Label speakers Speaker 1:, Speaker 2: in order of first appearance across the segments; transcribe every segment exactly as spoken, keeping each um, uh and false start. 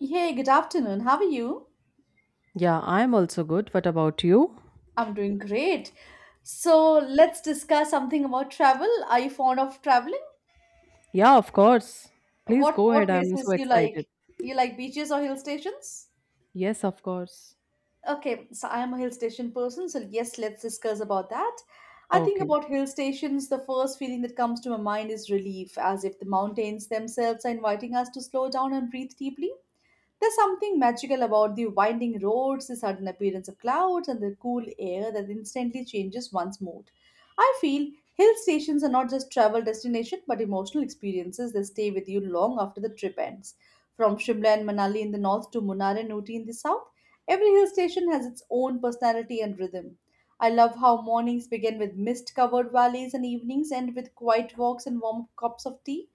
Speaker 1: Hey, good afternoon. How are you?
Speaker 2: Yeah, I'm also good. What about you?
Speaker 1: I'm doing great. So let's discuss something about travel. Are you fond of traveling?
Speaker 2: Yeah, of course. Please
Speaker 1: What
Speaker 2: go
Speaker 1: what
Speaker 2: ahead. I'm so
Speaker 1: places you
Speaker 2: excited.
Speaker 1: like? You like beaches or hill stations?
Speaker 2: Yes, of course.
Speaker 1: Okay, so I am a hill station person, so yes, let's discuss about that. I think
Speaker 2: Okay.
Speaker 1: about hill stations, the first feeling that comes to my mind is relief, as if the mountains themselves are inviting us to slow down and breathe deeply. There's something magical about the winding roads, the sudden appearance of clouds, and the cool air that instantly changes one's mood. I feel hill stations are not just travel destinations but emotional experiences that stay with you long after the trip ends. From Shimla and Manali in the north to Munnar and Ooty in the south, every hill station has its own personality and rhythm. I love how mornings begin with mist covered valleys and evenings end with quiet walks and warm cups of tea.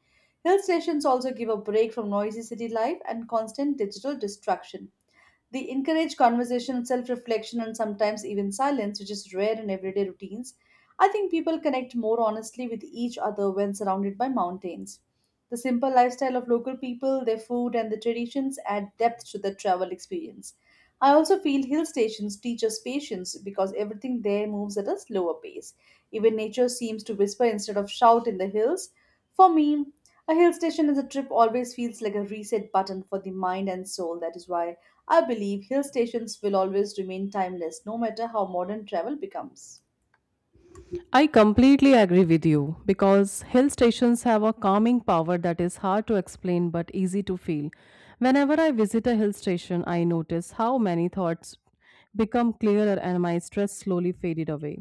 Speaker 1: Hill stations also give a break from noisy city life and constant digital distraction. They encourage conversation, self reflection, and sometimes even silence, which is rare in everyday routines. I think people connect more honestly with each other when surrounded by mountains. The simple lifestyle of local people, their food, and the traditions add depth to the travel experience. I also feel hill stations teach us patience because everything there moves at a slower pace. Even nature seems to whisper instead of shout in the hills. For me, a hill station as a trip always feels like a reset button for the mind and soul. That is why I believe hill stations will always remain timeless no matter how modern travel becomes.
Speaker 2: I completely agree with you because hill stations have a calming power that is hard to explain but easy to feel. Whenever I visit a hill station, I notice how many thoughts become clearer and my stress slowly faded away.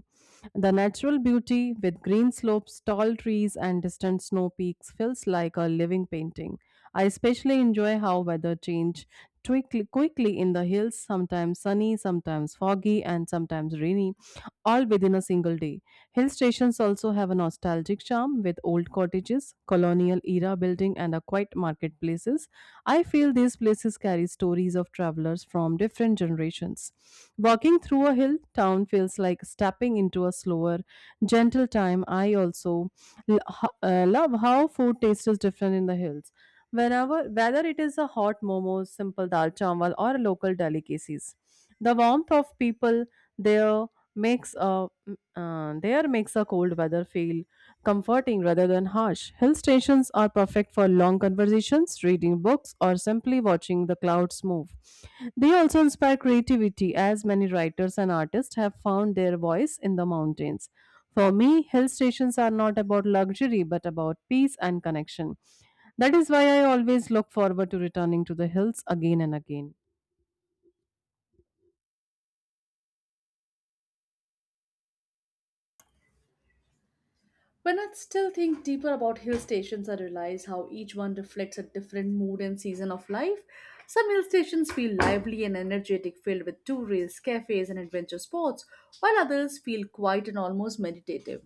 Speaker 2: The natural beauty with green slopes, tall trees, and distant snow peaks feels like a living painting. I especially enjoy how weather change twickly- quickly in the hills, sometimes sunny, sometimes foggy, and sometimes rainy, all within a single day. Hill stations also have a nostalgic charm with old cottages, colonial era building, and a quiet marketplaces. I feel these places carry stories of travelers from different generations. Walking through a hill town feels like stepping into a slower, gentle time. I also l- ho- uh, love how food tastes is different in the hills. Whenever, whether it is a hot momos, simple dal chawal, or local delicacies, the warmth of people there makes a uh, there makes a cold weather feel comforting rather than harsh. Hill stations are perfect for long conversations, reading books, or simply watching the clouds move. They also inspire creativity, as many writers and artists have found their voice in the mountains. For me, hill stations are not about luxury but about peace and connection. That is why I always look forward to returning to the hills again and again.
Speaker 1: When I still think deeper about hill stations, I realize how each one reflects a different mood and season of life. Some hill stations feel lively and energetic, filled with tourists, cafes, and adventure sports, while others feel quiet and almost meditative.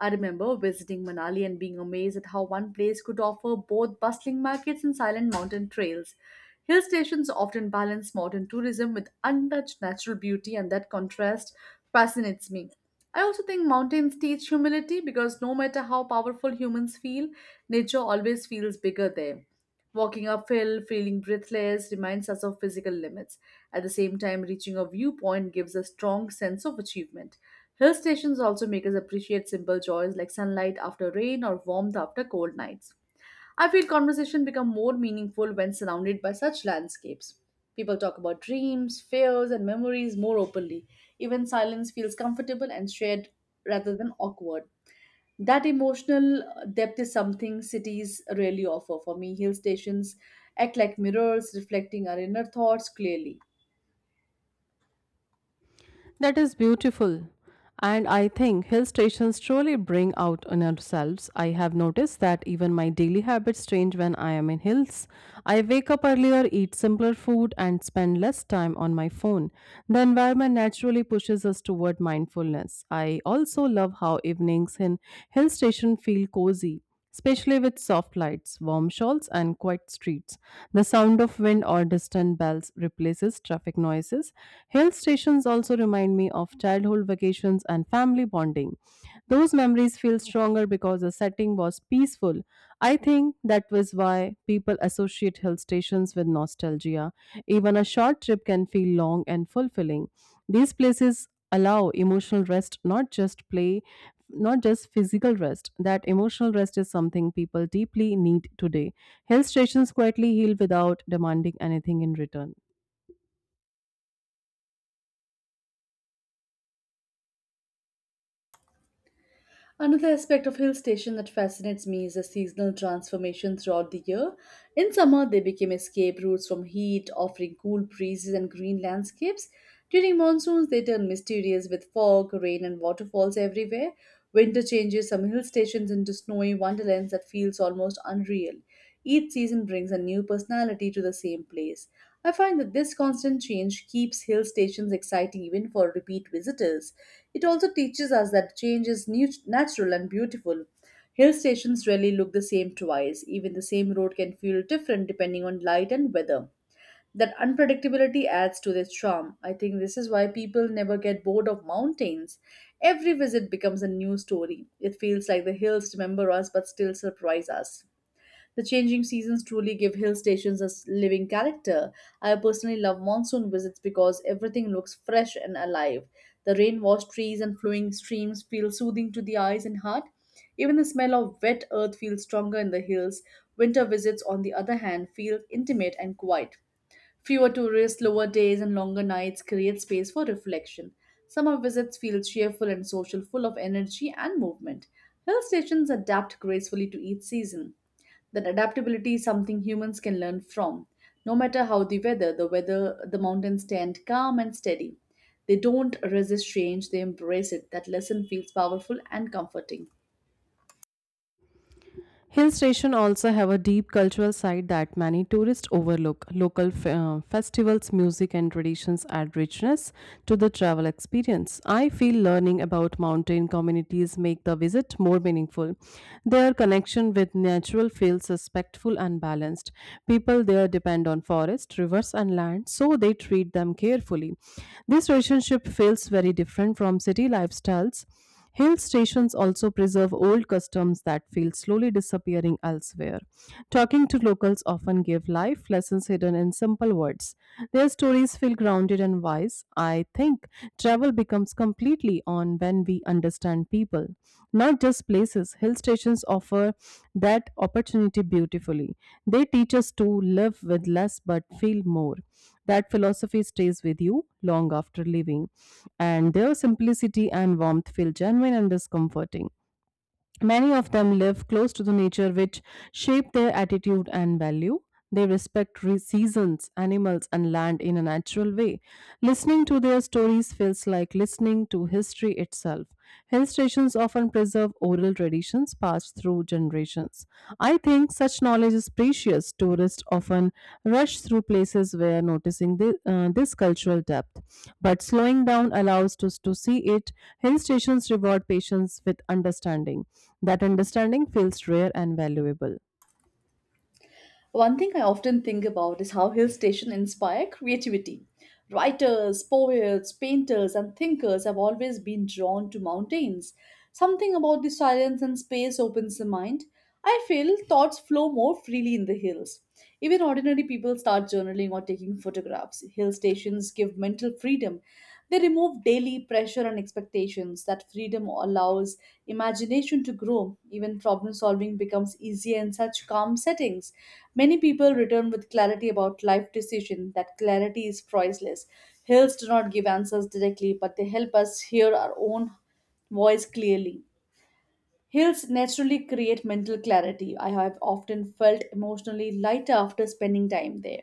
Speaker 1: I remember visiting Manali and being amazed at how one place could offer both bustling markets and silent mountain trails. Hill stations often balance modern tourism with untouched natural beauty, and that contrast fascinates me. I also think mountains teach humility because no matter how powerful humans feel, nature always feels bigger there. Walking uphill, feeling breathless, reminds us of physical limits. At the same time, reaching a viewpoint gives a strong sense of achievement. Hill stations also make us appreciate simple joys like sunlight after rain or warmth after cold nights. I feel conversation become more meaningful when surrounded by such landscapes. People talk about dreams, fears, and memories more openly. Even silence feels comfortable and shared rather than awkward. That emotional uh, depth is something cities rarely offer. For me, hill stations act like mirrors, reflecting our inner thoughts clearly.
Speaker 2: That is beautiful. And I think hill stations truly bring out in ourselves. I have noticed that even my daily habits change when I am in hills. I wake up earlier, eat simpler food, and spend less time on my phone. The environment naturally pushes us toward mindfulness. I also love how evenings in hill station feel cozy, especially with soft lights, warm shawls, and quiet streets. The sound of wind or distant bells replaces traffic noises. Hill stations also remind me of childhood vacations and family bonding. Those memories feel stronger because the setting was peaceful. I think that was why people associate hill stations with nostalgia. Even a short trip can feel long and fulfilling. These places allow emotional rest, not just play, not just physical rest. That emotional rest is something people deeply need today. Hill stations quietly heal without demanding anything in return.
Speaker 1: Another aspect of hill station that fascinates me is the seasonal transformation throughout the year. In summer, they became escape routes from heat, offering cool breezes and green landscapes. During monsoons, they turn mysterious with fog, rain, and waterfalls everywhere. Winter changes some hill stations into snowy wonderlands that feels almost unreal. Each season brings a new personality to the same place. I find that this constant change keeps hill stations exciting even for repeat visitors. It also teaches us that change is nu- natural and beautiful. Hill stations rarely look the same twice. Even the same road can feel different depending on light and weather. That unpredictability adds to their charm. I think this is why people never get bored of mountains. Every visit becomes a new story. It feels like the hills remember us but still surprise us. The changing seasons truly give hill stations a s- living character. I personally love monsoon visits because everything looks fresh and alive. The rain washed trees and flowing streams feel soothing to the eyes and heart. Even the smell of wet earth feels stronger in the hills. Winter visits, on the other hand, feel intimate and quiet. Fewer tourists, lower days, and longer nights create space for reflection. Summer visits feel cheerful and social, full of energy and movement. Hill stations adapt gracefully to each season that adaptability is something humans can learn from. No matter how the weather, the weather, the mountains stand calm and steady. They don't resist change, they embrace it. That lesson feels powerful and comforting.
Speaker 2: Hill station also have a deep cultural side that many tourists overlook. Local f- uh, festivals, music and traditions add richness to the travel experience. I feel learning about mountain communities make the visit more meaningful. Their connection with natural feels respectful and balanced. People there depend on forest, rivers and land, so they treat them carefully. This relationship feels very different from city lifestyles. Hill stations also preserve old customs that feel slowly disappearing elsewhere. Talking to locals often give life lessons hidden in simple words. Their stories feel grounded and wise. I think travel becomes completely on when we understand people, not just places. Hill stations offer that opportunity beautifully. They teach us to live with less but feel more. That philosophy stays with you long after leaving, and their simplicity and warmth feel genuine and discomforting. Many of them live close to the nature, which shape their attitude and value. They respect re- seasons, animals, and land in a natural way. Listening to their stories feels like listening to history itself. Hill stations often preserve oral traditions passed through generations. I think such knowledge is precious. Tourists often rush through places where noticing the, uh, this cultural depth, but slowing down allows us to see it. Hill stations reward patience with understanding. That understanding feels rare and valuable.
Speaker 1: One thing I often think about is how hill stations inspire creativity. Writers, poets, painters, and thinkers have always been drawn to mountains. Something about the silence and space opens the mind. I feel thoughts flow more freely in the hills. Even ordinary people start journaling or taking photographs. Hill stations give mental mental freedom. They remove daily pressure and expectations. That freedom allows imagination to grow. Even problem solving becomes easier in such calm settings. Many people return with clarity about life decision. That clarity is priceless. Hills do not give answers directly, but they help us hear our own voice clearly. Hills naturally create mental clarity. I have often felt emotionally lighter after spending time there.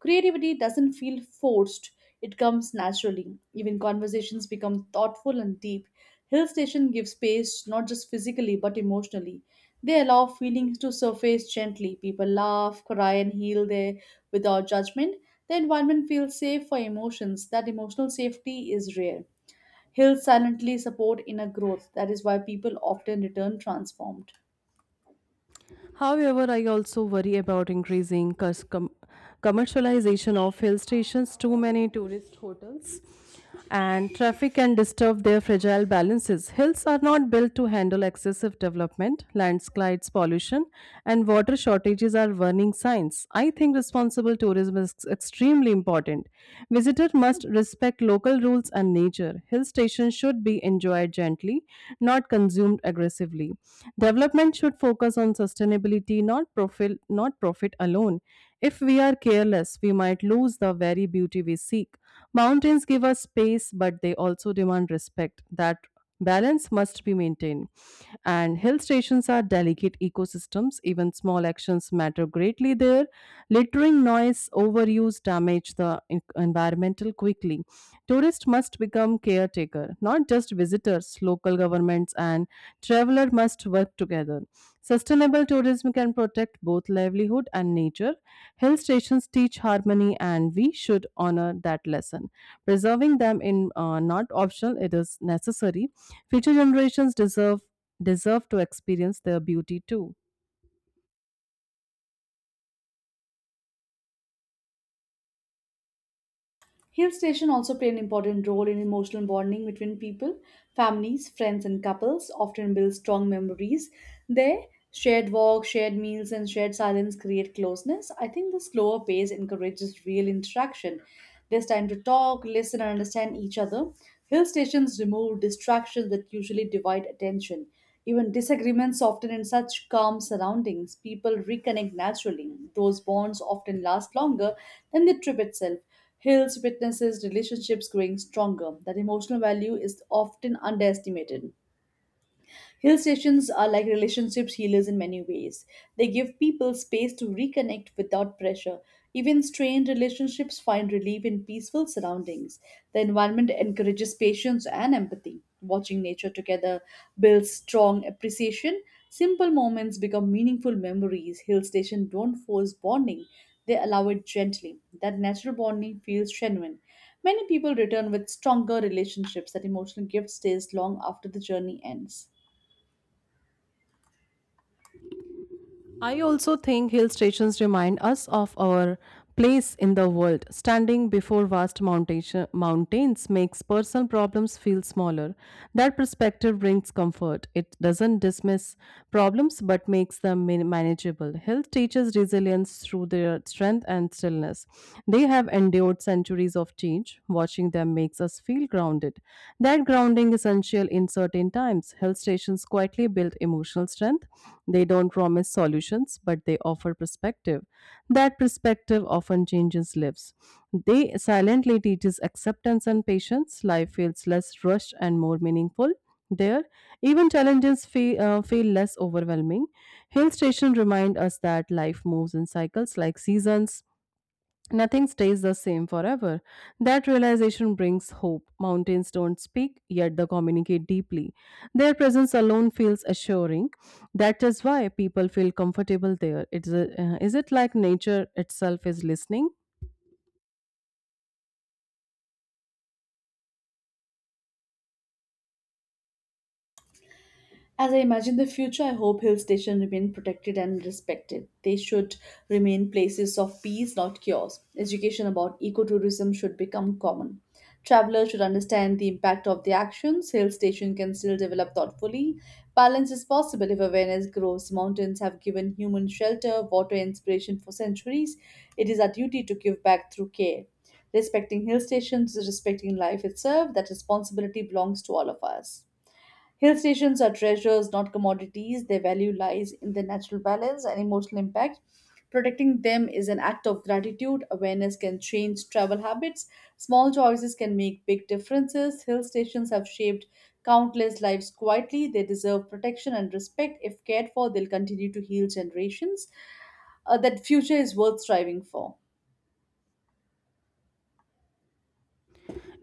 Speaker 1: Creativity doesn't feel forced, it comes naturally. Even conversations become thoughtful and deep. Hill station gives space not just physically but emotionally. They allow feelings to surface gently. People laugh, cry, and heal there without judgment. The environment feels safe for emotions. That emotional safety is rare. Hills silently support inner growth. That is why people often return transformed.
Speaker 2: However, I also worry about increasing cus- com- commercialization of hill stations, too many tourist hotels, and traffic can disturb their fragile balances. Hills are not built to handle excessive development, landslides, pollution, and water shortages are warning signs. I think responsible tourism is extremely important. Visitors must respect local rules and nature. Hill stations should be enjoyed gently, not consumed aggressively. Development should focus on sustainability, not profit, not profit alone. If we are careless, we might lose the very beauty we seek. Mountains give us space, but they also demand respect. That balance must be maintained. And hill stations are delicate ecosystems. Even small actions matter greatly there. Littering, noise, overuse damage the en- environmental quickly. Tourists must become caretaker, not just visitors. Local governments and traveler must work together. Sustainable tourism can protect both livelihood and nature. Hill stations teach harmony, and we should honor that lesson. Preserving them in uh, not optional; it is necessary. Future generations deserve deserve to experience their beauty too.
Speaker 1: Hill station also play an important role in emotional bonding between people, families, friends, and couples. Often build strong memories. Their shared walks, shared meals, and shared silence create closeness. I think the slower pace encourages real interaction. There's time to talk, listen, and understand each other. Hill stations remove distractions that usually divide attention. Even disagreements often in such calm surroundings, people reconnect naturally. Those bonds often last longer than the trip itself. Hills witnesses relationships growing stronger. That emotional value is often underestimated. Hill stations are like relationships healers in many ways. They give people space to reconnect without pressure. Even strained relationships find relief in peaceful surroundings. The environment encourages patience and empathy. Watching nature together builds strong appreciation. Simple moments become meaningful memories. Hill stations don't force bonding, they allow it gently. That natural bonding feels genuine. Many people return with stronger relationships that emotional gift stays long after the journey ends.
Speaker 2: I also think hill stations remind us of our place in the world. Standing before vast mountain- mountains makes personal problems feel smaller. That perspective brings comfort. It doesn't dismiss problems but makes them man- manageable. Hill teaches resilience through their strength and stillness. They have endured centuries of change. Watching them makes us feel grounded. That that grounding is essential in certain times. Health stations quietly build emotional strength. They don't promise solutions, but they offer perspective. That perspective often changes lives. They silently teaches acceptance and patience. Life feels less rushed and more meaningful. There, even challenges feel, uh, feel less overwhelming. Hill stations remind us that life moves in cycles like seasons. Nothing stays the same forever. That realization brings hope. Mountains don't speak, yet they communicate deeply. Their presence alone feels assuring. That is why people feel comfortable there. It's a, uh, is it like nature itself is listening?
Speaker 1: As I imagine the future, I hope hill stations remain protected and respected. They should remain places of peace, not cures. Education about ecotourism should become common. Travelers should understand the impact of their actions. Hill stations can still develop thoughtfully. Balance is possible if awareness grows. Mountains have given human shelter, water, and inspiration for centuries. It is our duty to give back through care. Respecting hill stations is respecting life itself. That responsibility belongs to all of us. Hill stations are treasures, not commodities. Their value lies in their natural balance and emotional impact. Protecting them is an act of gratitude. Awareness can change travel habits. Small choices can make big differences. Hill stations have shaped countless lives quietly. They deserve protection and respect. If cared for, they'll continue to heal generations. Uh, that future is worth striving for.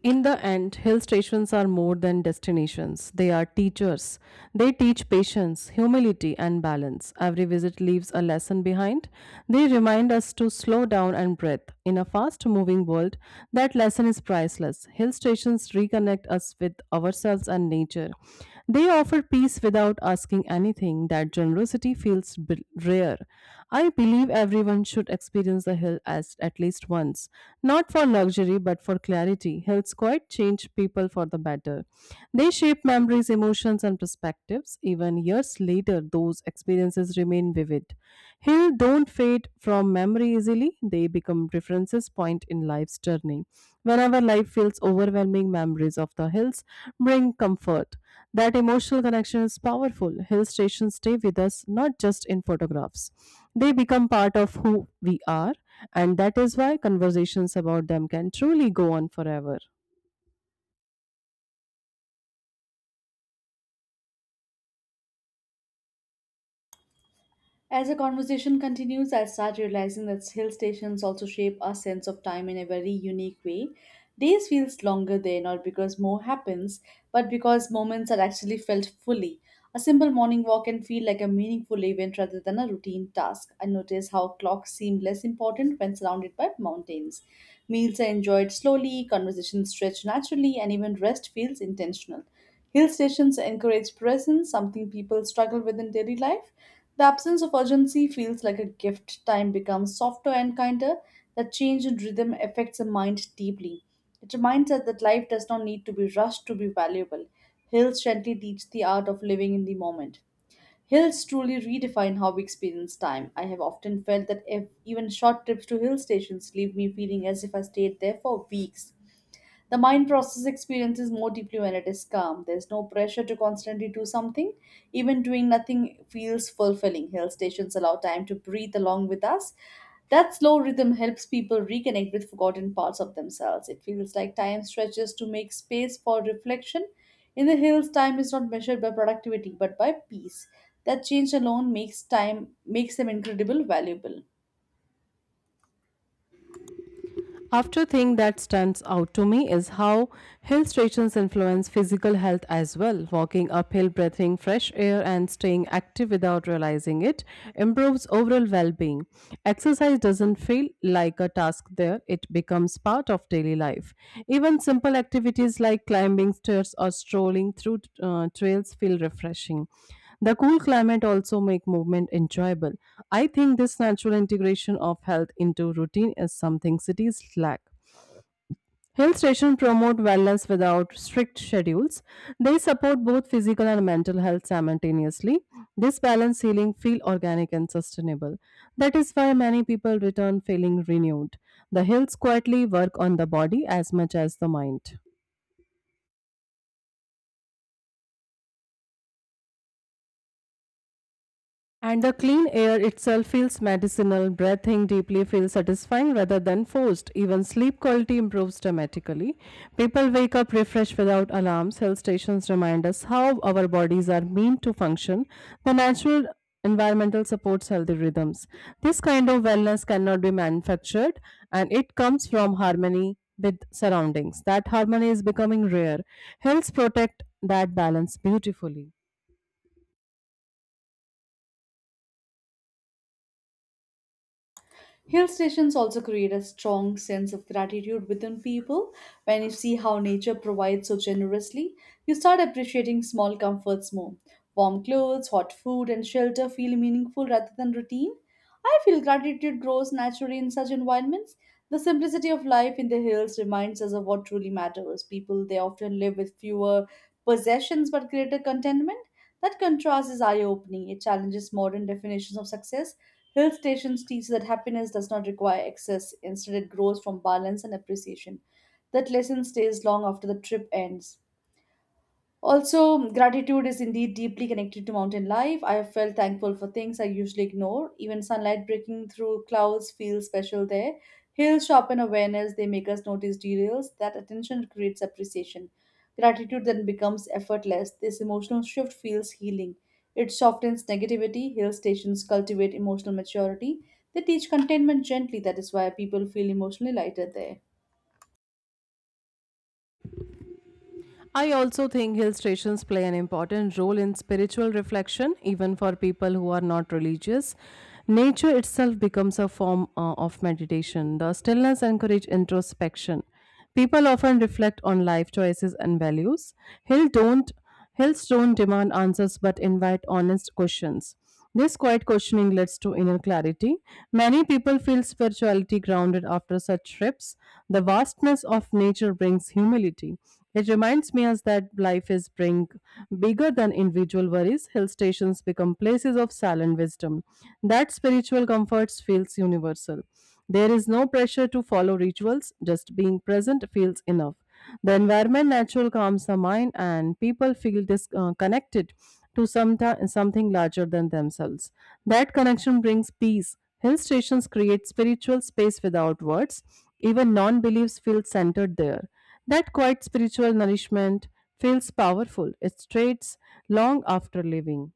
Speaker 2: In the end, hill stations are more than destinations. They are teachers. They teach patience, humility, and balance. Every visit leaves a lesson behind. They remind us to slow down and breathe. In a fast moving world, that lesson is priceless. Hill stations reconnect us with ourselves and nature. They offer peace without asking anything. That generosity authenticity feels b- rare. I believe everyone should experience the hill as at least once, not for luxury but for clarity. Hills quite change people for the better. They shape memories, emotions, and perspectives. Even years later, those experiences remain vivid. Hills don't fade from memory easily; they become references point in life's journey. Whenever life feels overwhelming, memories of the hills bring comfort. That emotional connection is powerful. Hill stations stay with us not just in photographs, they become part of who we are, and that is why conversations about them can truly go on forever.
Speaker 1: As the conversation continues, I start realizing that hill stations also shape our sense of time in a very unique way. Days feels longer there not because more happens, but because moments are actually felt fully. A simple morning walk can feel like a meaningful event rather than a routine task. I notice how clocks seem less important when surrounded by mountains. Meals are enjoyed slowly, conversations stretch naturally, and even rest feels intentional. Hill stations encourage presence, something people struggle with in daily life. The absence of urgency feels like a gift. Time becomes softer and kinder. That change in rhythm affects the mind deeply. It reminds us that life does not need to be rushed to be valuable. Hills gently teach the art of living in the moment. Hills truly redefine how we experience time. I have often felt that if even short trips to hill stations leave me feeling as if I stayed there for weeks. The mind process experiences more deeply when it is calm. There's no pressure to constantly do something. Even doing nothing feels fulfilling. Hill stations allow time to breathe along with us. That slow rhythm helps people reconnect with forgotten parts of themselves. It feels like time stretches to make space for reflection. In the hills, time is not measured by productivity but by peace. That change alone makes time makes them incredible valuable.
Speaker 2: After thing that stands out to me is how hill stations influence physical health as well. Walking uphill, breathing fresh air, and staying active without realizing it improves overall well-being. Exercise doesn't feel like a task there; it becomes part of daily life. Even simple activities like climbing stairs or strolling through uh, trails feel refreshing. The cool climate also make movement enjoyable. I think this natural integration of health into routine is something cities lack. Hill stations promote wellness without strict schedules. They support both physical and mental health simultaneously. This balanced healing feel organic and sustainable. That is why many people return feeling renewed. The hills quietly work on the body as much as the mind. And the clean air itself feels medicinal, breathing deeply feels satisfying rather than forced. Even sleep quality improves dramatically. People wake up refreshed without alarms. Health stations remind us how our bodies are meant to function. The natural environmental supports healthy rhythms. This kind of wellness cannot be manufactured and it comes from harmony with surroundings. That harmony is becoming rare. Health protect that balance beautifully.
Speaker 1: Hill stations also create a strong sense of gratitude within people. When you see how nature provides so generously, you start appreciating small comforts more. Warm clothes, hot food, and shelter feel meaningful rather than routine. I feel gratitude grows naturally in such environments. The simplicity of life in the hills reminds us of what truly matters. People they often live with fewer possessions but greater contentment. That contrast is eye opening. It challenges modern definitions of success. Hill stations teach that happiness does not require excess, instead, it grows from balance and appreciation. That lesson stays long after the trip ends. Also, gratitude is indeed deeply connected to mountain life. I have felt thankful for things I usually ignore. Even sunlight breaking through clouds feels special there. Hills sharpen awareness, they make us notice details. That attention creates appreciation. Gratitude then becomes effortless. This emotional shift feels healing. It softens negativity. Hill stations cultivate emotional maturity. They teach contentment gently. That is why people feel emotionally lighter there.
Speaker 2: I also think hill stations play an important role in spiritual reflection, even for people who are not religious. Nature itself becomes a form uh, of meditation. The stillness encourages introspection. People often reflect on life choices and values. Hill don't Health don't demand answers but invite honest questions. This quiet questioning leads to inner clarity. Many people feel spirituality grounded after such trips. The vastness of nature brings humility. It reminds me as that life is bring bigger than individual worries. Hill stations become places of silent wisdom. That spiritual comfort feels universal. There is no pressure to follow rituals, just being present feels enough. The environment natural calms the mind, and people feel this uh, connected to some something larger than themselves. That connection brings peace. Hill stations create spiritual space without words. Even non beliefs feel centered there. That quiet spiritual nourishment feels powerful. It strays long after leaving.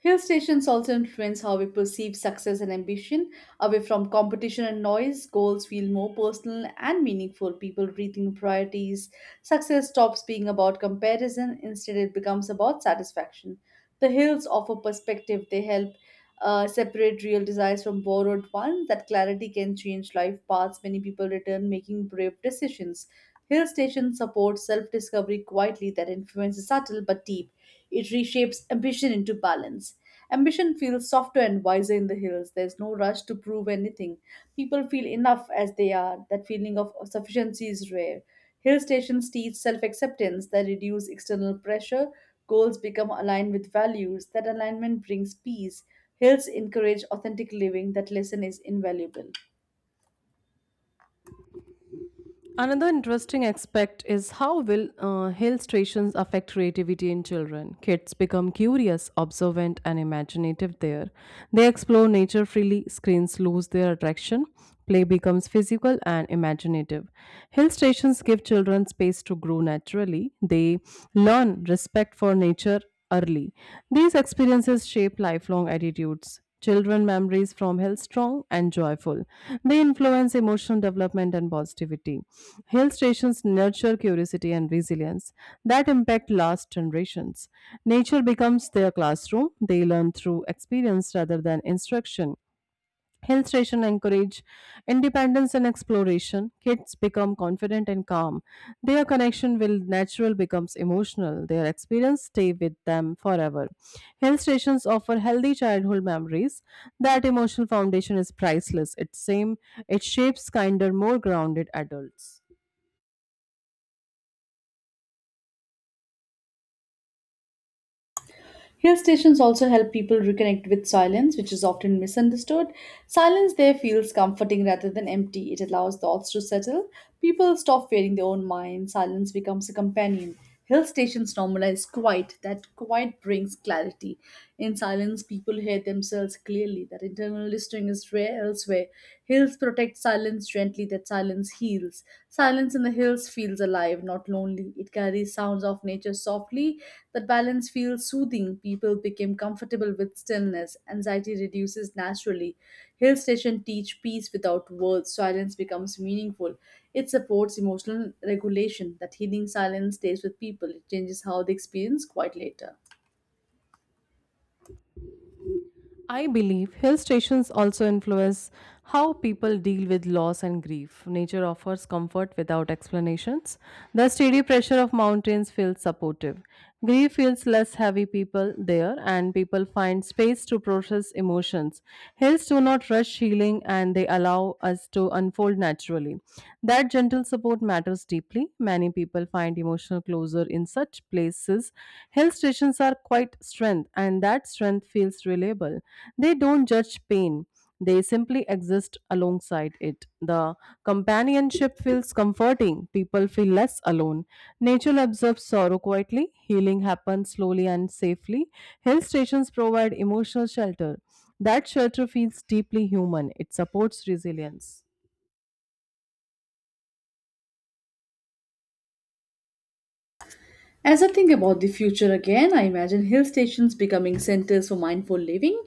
Speaker 1: Hill stations also influence how we perceive success and ambition. Away from competition and noise, goals feel more personal and meaningful. People rethink priorities. Success stops being about comparison, instead, it becomes about satisfaction. The hills offer perspective, they help uh, separate real desires from borrowed ones. That clarity can change life paths. Many people return making brave decisions. Hill stations support self discovery quietly that influence is subtle but deep. It reshapes ambition into balance. Ambition feels softer and wiser in the hills. There's no rush to prove anything. People feel enough as they are. That feeling of sufficiency is rare. Hill stations teach self acceptance that reduce external pressure. Goals become aligned with values. That alignment brings peace. Hills encourage authentic living. That lesson is invaluable.
Speaker 2: Another interesting aspect is how will uh, hill stations affect creativity in children. Kids become curious, observant, and imaginative there. They explore nature freely, screens lose their attraction, play becomes physical and imaginative. Hill stations give children space to grow naturally. They learn respect for nature early. These experiences shape lifelong attitudes. Children memories from hill strong and joyful. They influence emotional development and positivity. Hill stations nurture curiosity and resilience that impact last generations. Nature becomes their classroom. They learn through experience rather than instruction. Hill station encourage independence and exploration. Kids become confident and calm. Their connection will natural becomes emotional. Their experience stay with them forever. Hill stations offer healthy childhood memories. That emotional foundation is priceless. It same it shapes kinder, more grounded adults.
Speaker 1: Hill stations also help people reconnect with silence, which is often misunderstood. Silence there feels comforting rather than empty. It allows thoughts to settle. People stop fearing their own mind. Silence becomes a companion. Hill stations normalize quiet. That quiet brings clarity. In silence, people hear themselves clearly. That internal listening is rare elsewhere. Hills protect silence gently, that silence heals. Silence in the hills feels alive, not lonely. It carries sounds of nature softly. That balance feels soothing. People become comfortable with stillness. Anxiety reduces naturally. Hill station teach peace without words. Silence becomes meaningful. It supports emotional regulation. That healing silence stays with people. It changes how they experience quite later.
Speaker 2: I believe hill stations also influence how people deal with loss and grief. Nature offers comfort without explanations. The steady pressure of mountains feels supportive. Grief feels less heavy people there, and people find space to process emotions emotions. Heals do not rush healing, and they allow us to unfold naturally. That gentle support matters deeply. Many people find emotional closure in such places. Hill stations are quite strength, and that strength feels reliable. They don't judge pain. They simply exist alongside it. The companionship feels comforting. People feel less alone. Nature absorbs sorrow quietly. Healing happens slowly and safely. Hill stations provide emotional shelter. That shelter feels deeply human, it supports resilience.
Speaker 1: As I think about the future again, I imagine hill stations becoming centers for mindful living.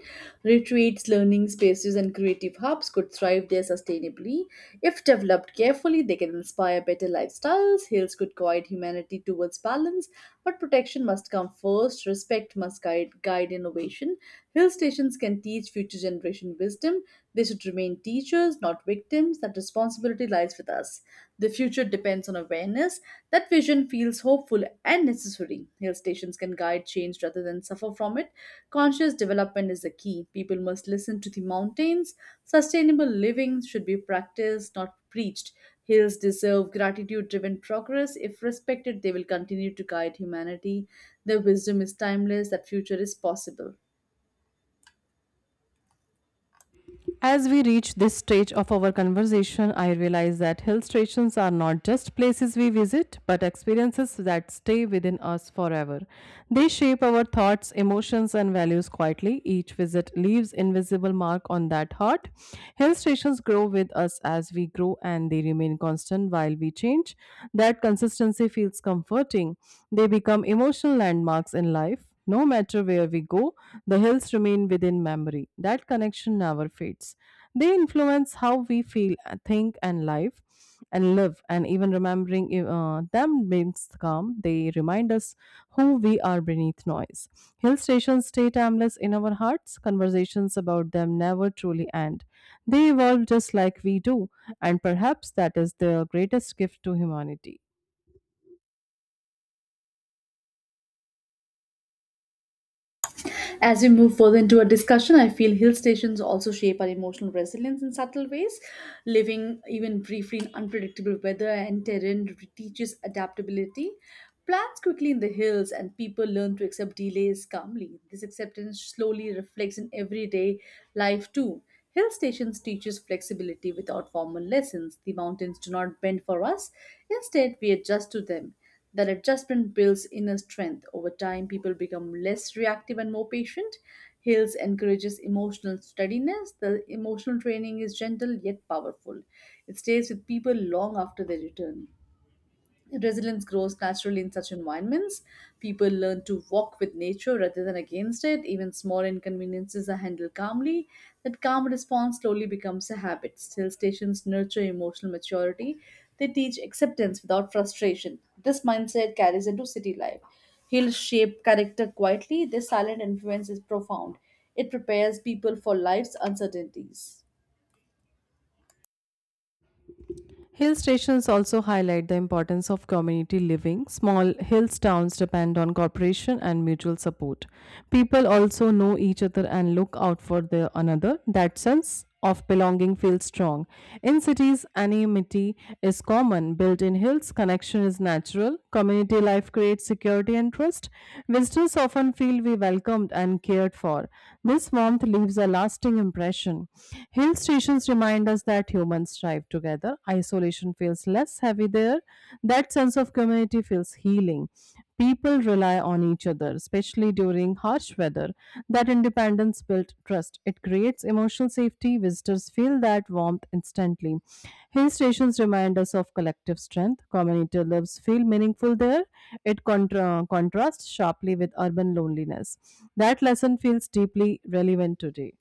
Speaker 1: Retreats, learning spaces, and creative hubs could thrive there sustainably. If developed carefully, they can inspire better lifestyles. Hills could guide humanity towards balance, but protection must come first. Respect must guide, guide innovation. Hill stations can teach future generation wisdom. They should remain teachers, not victims that responsibility lies with us. The future depends on awareness. That vision feels hopeful and necessary. Hill stations can guide change rather than suffer from it. Conscious development is the key. People must listen to the mountains. Sustainable living should be practiced, not preached. Hills deserve gratitude driven progress. If respected, they will continue to guide humanity. Their wisdom is timeless, that future is possible.
Speaker 2: As we reach this stage of our conversation, I realize that hill stations are not just places we visit, but experiences that stay within us forever. They shape our thoughts, emotions, and values quietly. Each visit leaves invisible mark on that heart. Hill stations grow with us as we grow, and they remain constant while we change. That consistency feels comforting. They become emotional landmarks in life. No matter where we go, the hills remain within memory. That connection never fades. They influence how we feel, think, and life, and live. And even remembering uh, them brings calm. They remind us who we are beneath noise. Hill stations stay timeless in our hearts. Conversations about them never truly end. They evolve just like we do. And perhaps that is the greatest gift to humanity.
Speaker 1: As we move further into our discussion, I feel hill stations also shape our emotional resilience in subtle ways. Living even briefly in unpredictable weather and terrain teaches adaptability. Plans quickly in the hills, and people learn to accept delays calmly. This acceptance slowly reflects in everyday life too. Hill stations teaches flexibility without formal lessons. The mountains do not bend for us; instead, we adjust to them. That adjustment builds inner strength. Over time, people become less reactive and more patient. Hills encourages emotional steadiness. The emotional training is gentle yet powerful. It stays with people long after they return. Resilience grows naturally in such environments. People learn to walk with nature rather than against it. Even small inconveniences are handled calmly. That calm response slowly becomes a habit. Still stations nurture emotional maturity. They teach acceptance without frustration. This mindset carries into city life. Hills shape character quietly. Their silent influence is profound. It prepares people for life's uncertainties.
Speaker 2: Hill stations also highlight the importance of community living. Small hills towns depend on cooperation and mutual support. People also know each other and look out for the another. That sense of belonging feels strong. In cities, anonymity is common. Built in hills, connection is natural. Community life creates security and trust. Visitors often feel we welcomed and cared for. This warmth leaves a lasting impression. Hill stations Experience reminds us that humans thrive together. Isolation feels less heavy there. That sense of community feels healing. People rely on each other, especially during harsh weather. That independence builds trust. It creates emotional safety. Visitors feel that warmth instantly. Hill stations remind us of collective strength. Community lives feel meaningful there. It contra- contrasts sharply with urban loneliness. That lesson feels deeply relevant today.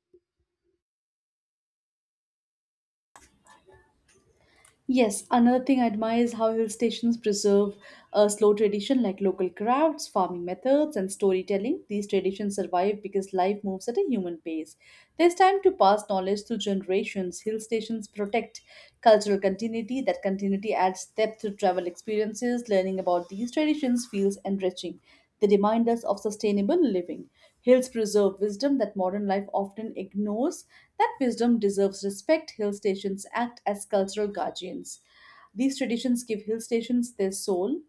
Speaker 1: Yes, another thing I admire is how hill stations preserve a slow tradition like local crafts, farming methods, and storytelling. These traditions survive because life moves at a human pace. There's time to pass knowledge through generations. Hill stations protect cultural continuity. That continuity adds depth to travel experiences. Learning about these traditions feels enriching. They remind us of sustainable living. Hills preserve wisdom that modern life often ignores. That wisdom deserves respect. Hill stations act as cultural guardians. These traditions give hill stations their soul.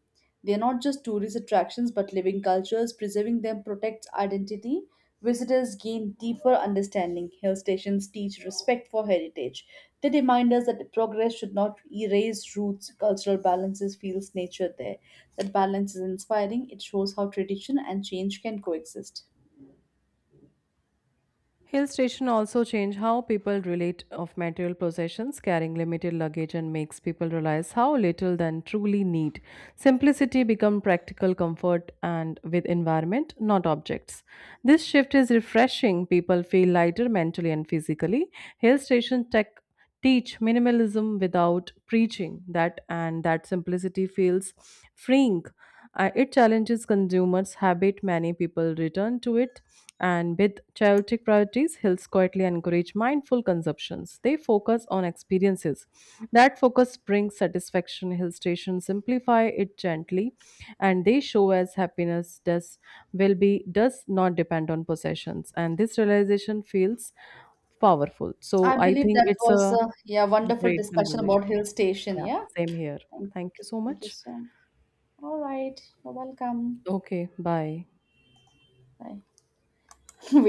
Speaker 1: They are not just tourist attractions but living cultures. Preserving them protects identity. Visitors gain deeper understanding. Hill stations teach respect for heritage. They remind us that progress should not erase roots. Cultural balances feels nature there. That balance is inspiring. It shows how tradition and change can coexist.
Speaker 2: Hill station also change how people relate of material possessions, carrying limited luggage and makes people realize how little than truly need. Simplicity become practical comfort and with environment, not objects. This shift is refreshing. People feel lighter mentally and physically. Hill station tech teach minimalism without preaching that, and that simplicity feels freeing. Uh, it challenges consumers habit, many people return to it and with chaotic priorities. Hills quietly encourage mindful consumptions, they focus on experiences. That focus brings satisfaction. Hill stations simplify it gently, and they show as happiness does will be does not depend on possessions, and this realization feels powerful. So
Speaker 1: I
Speaker 2: I
Speaker 1: believe
Speaker 2: think
Speaker 1: that
Speaker 2: it's
Speaker 1: was
Speaker 2: a
Speaker 1: a, yeah, wonderful
Speaker 2: great
Speaker 1: discussion
Speaker 2: conversation.
Speaker 1: about hill station.
Speaker 2: Yeah,
Speaker 1: Yeah.
Speaker 2: same here.
Speaker 1: Thank,
Speaker 2: Thank you so
Speaker 1: thank you
Speaker 2: much.
Speaker 1: so much. All right. You're welcome.
Speaker 2: Okay, bye.
Speaker 1: Bye. We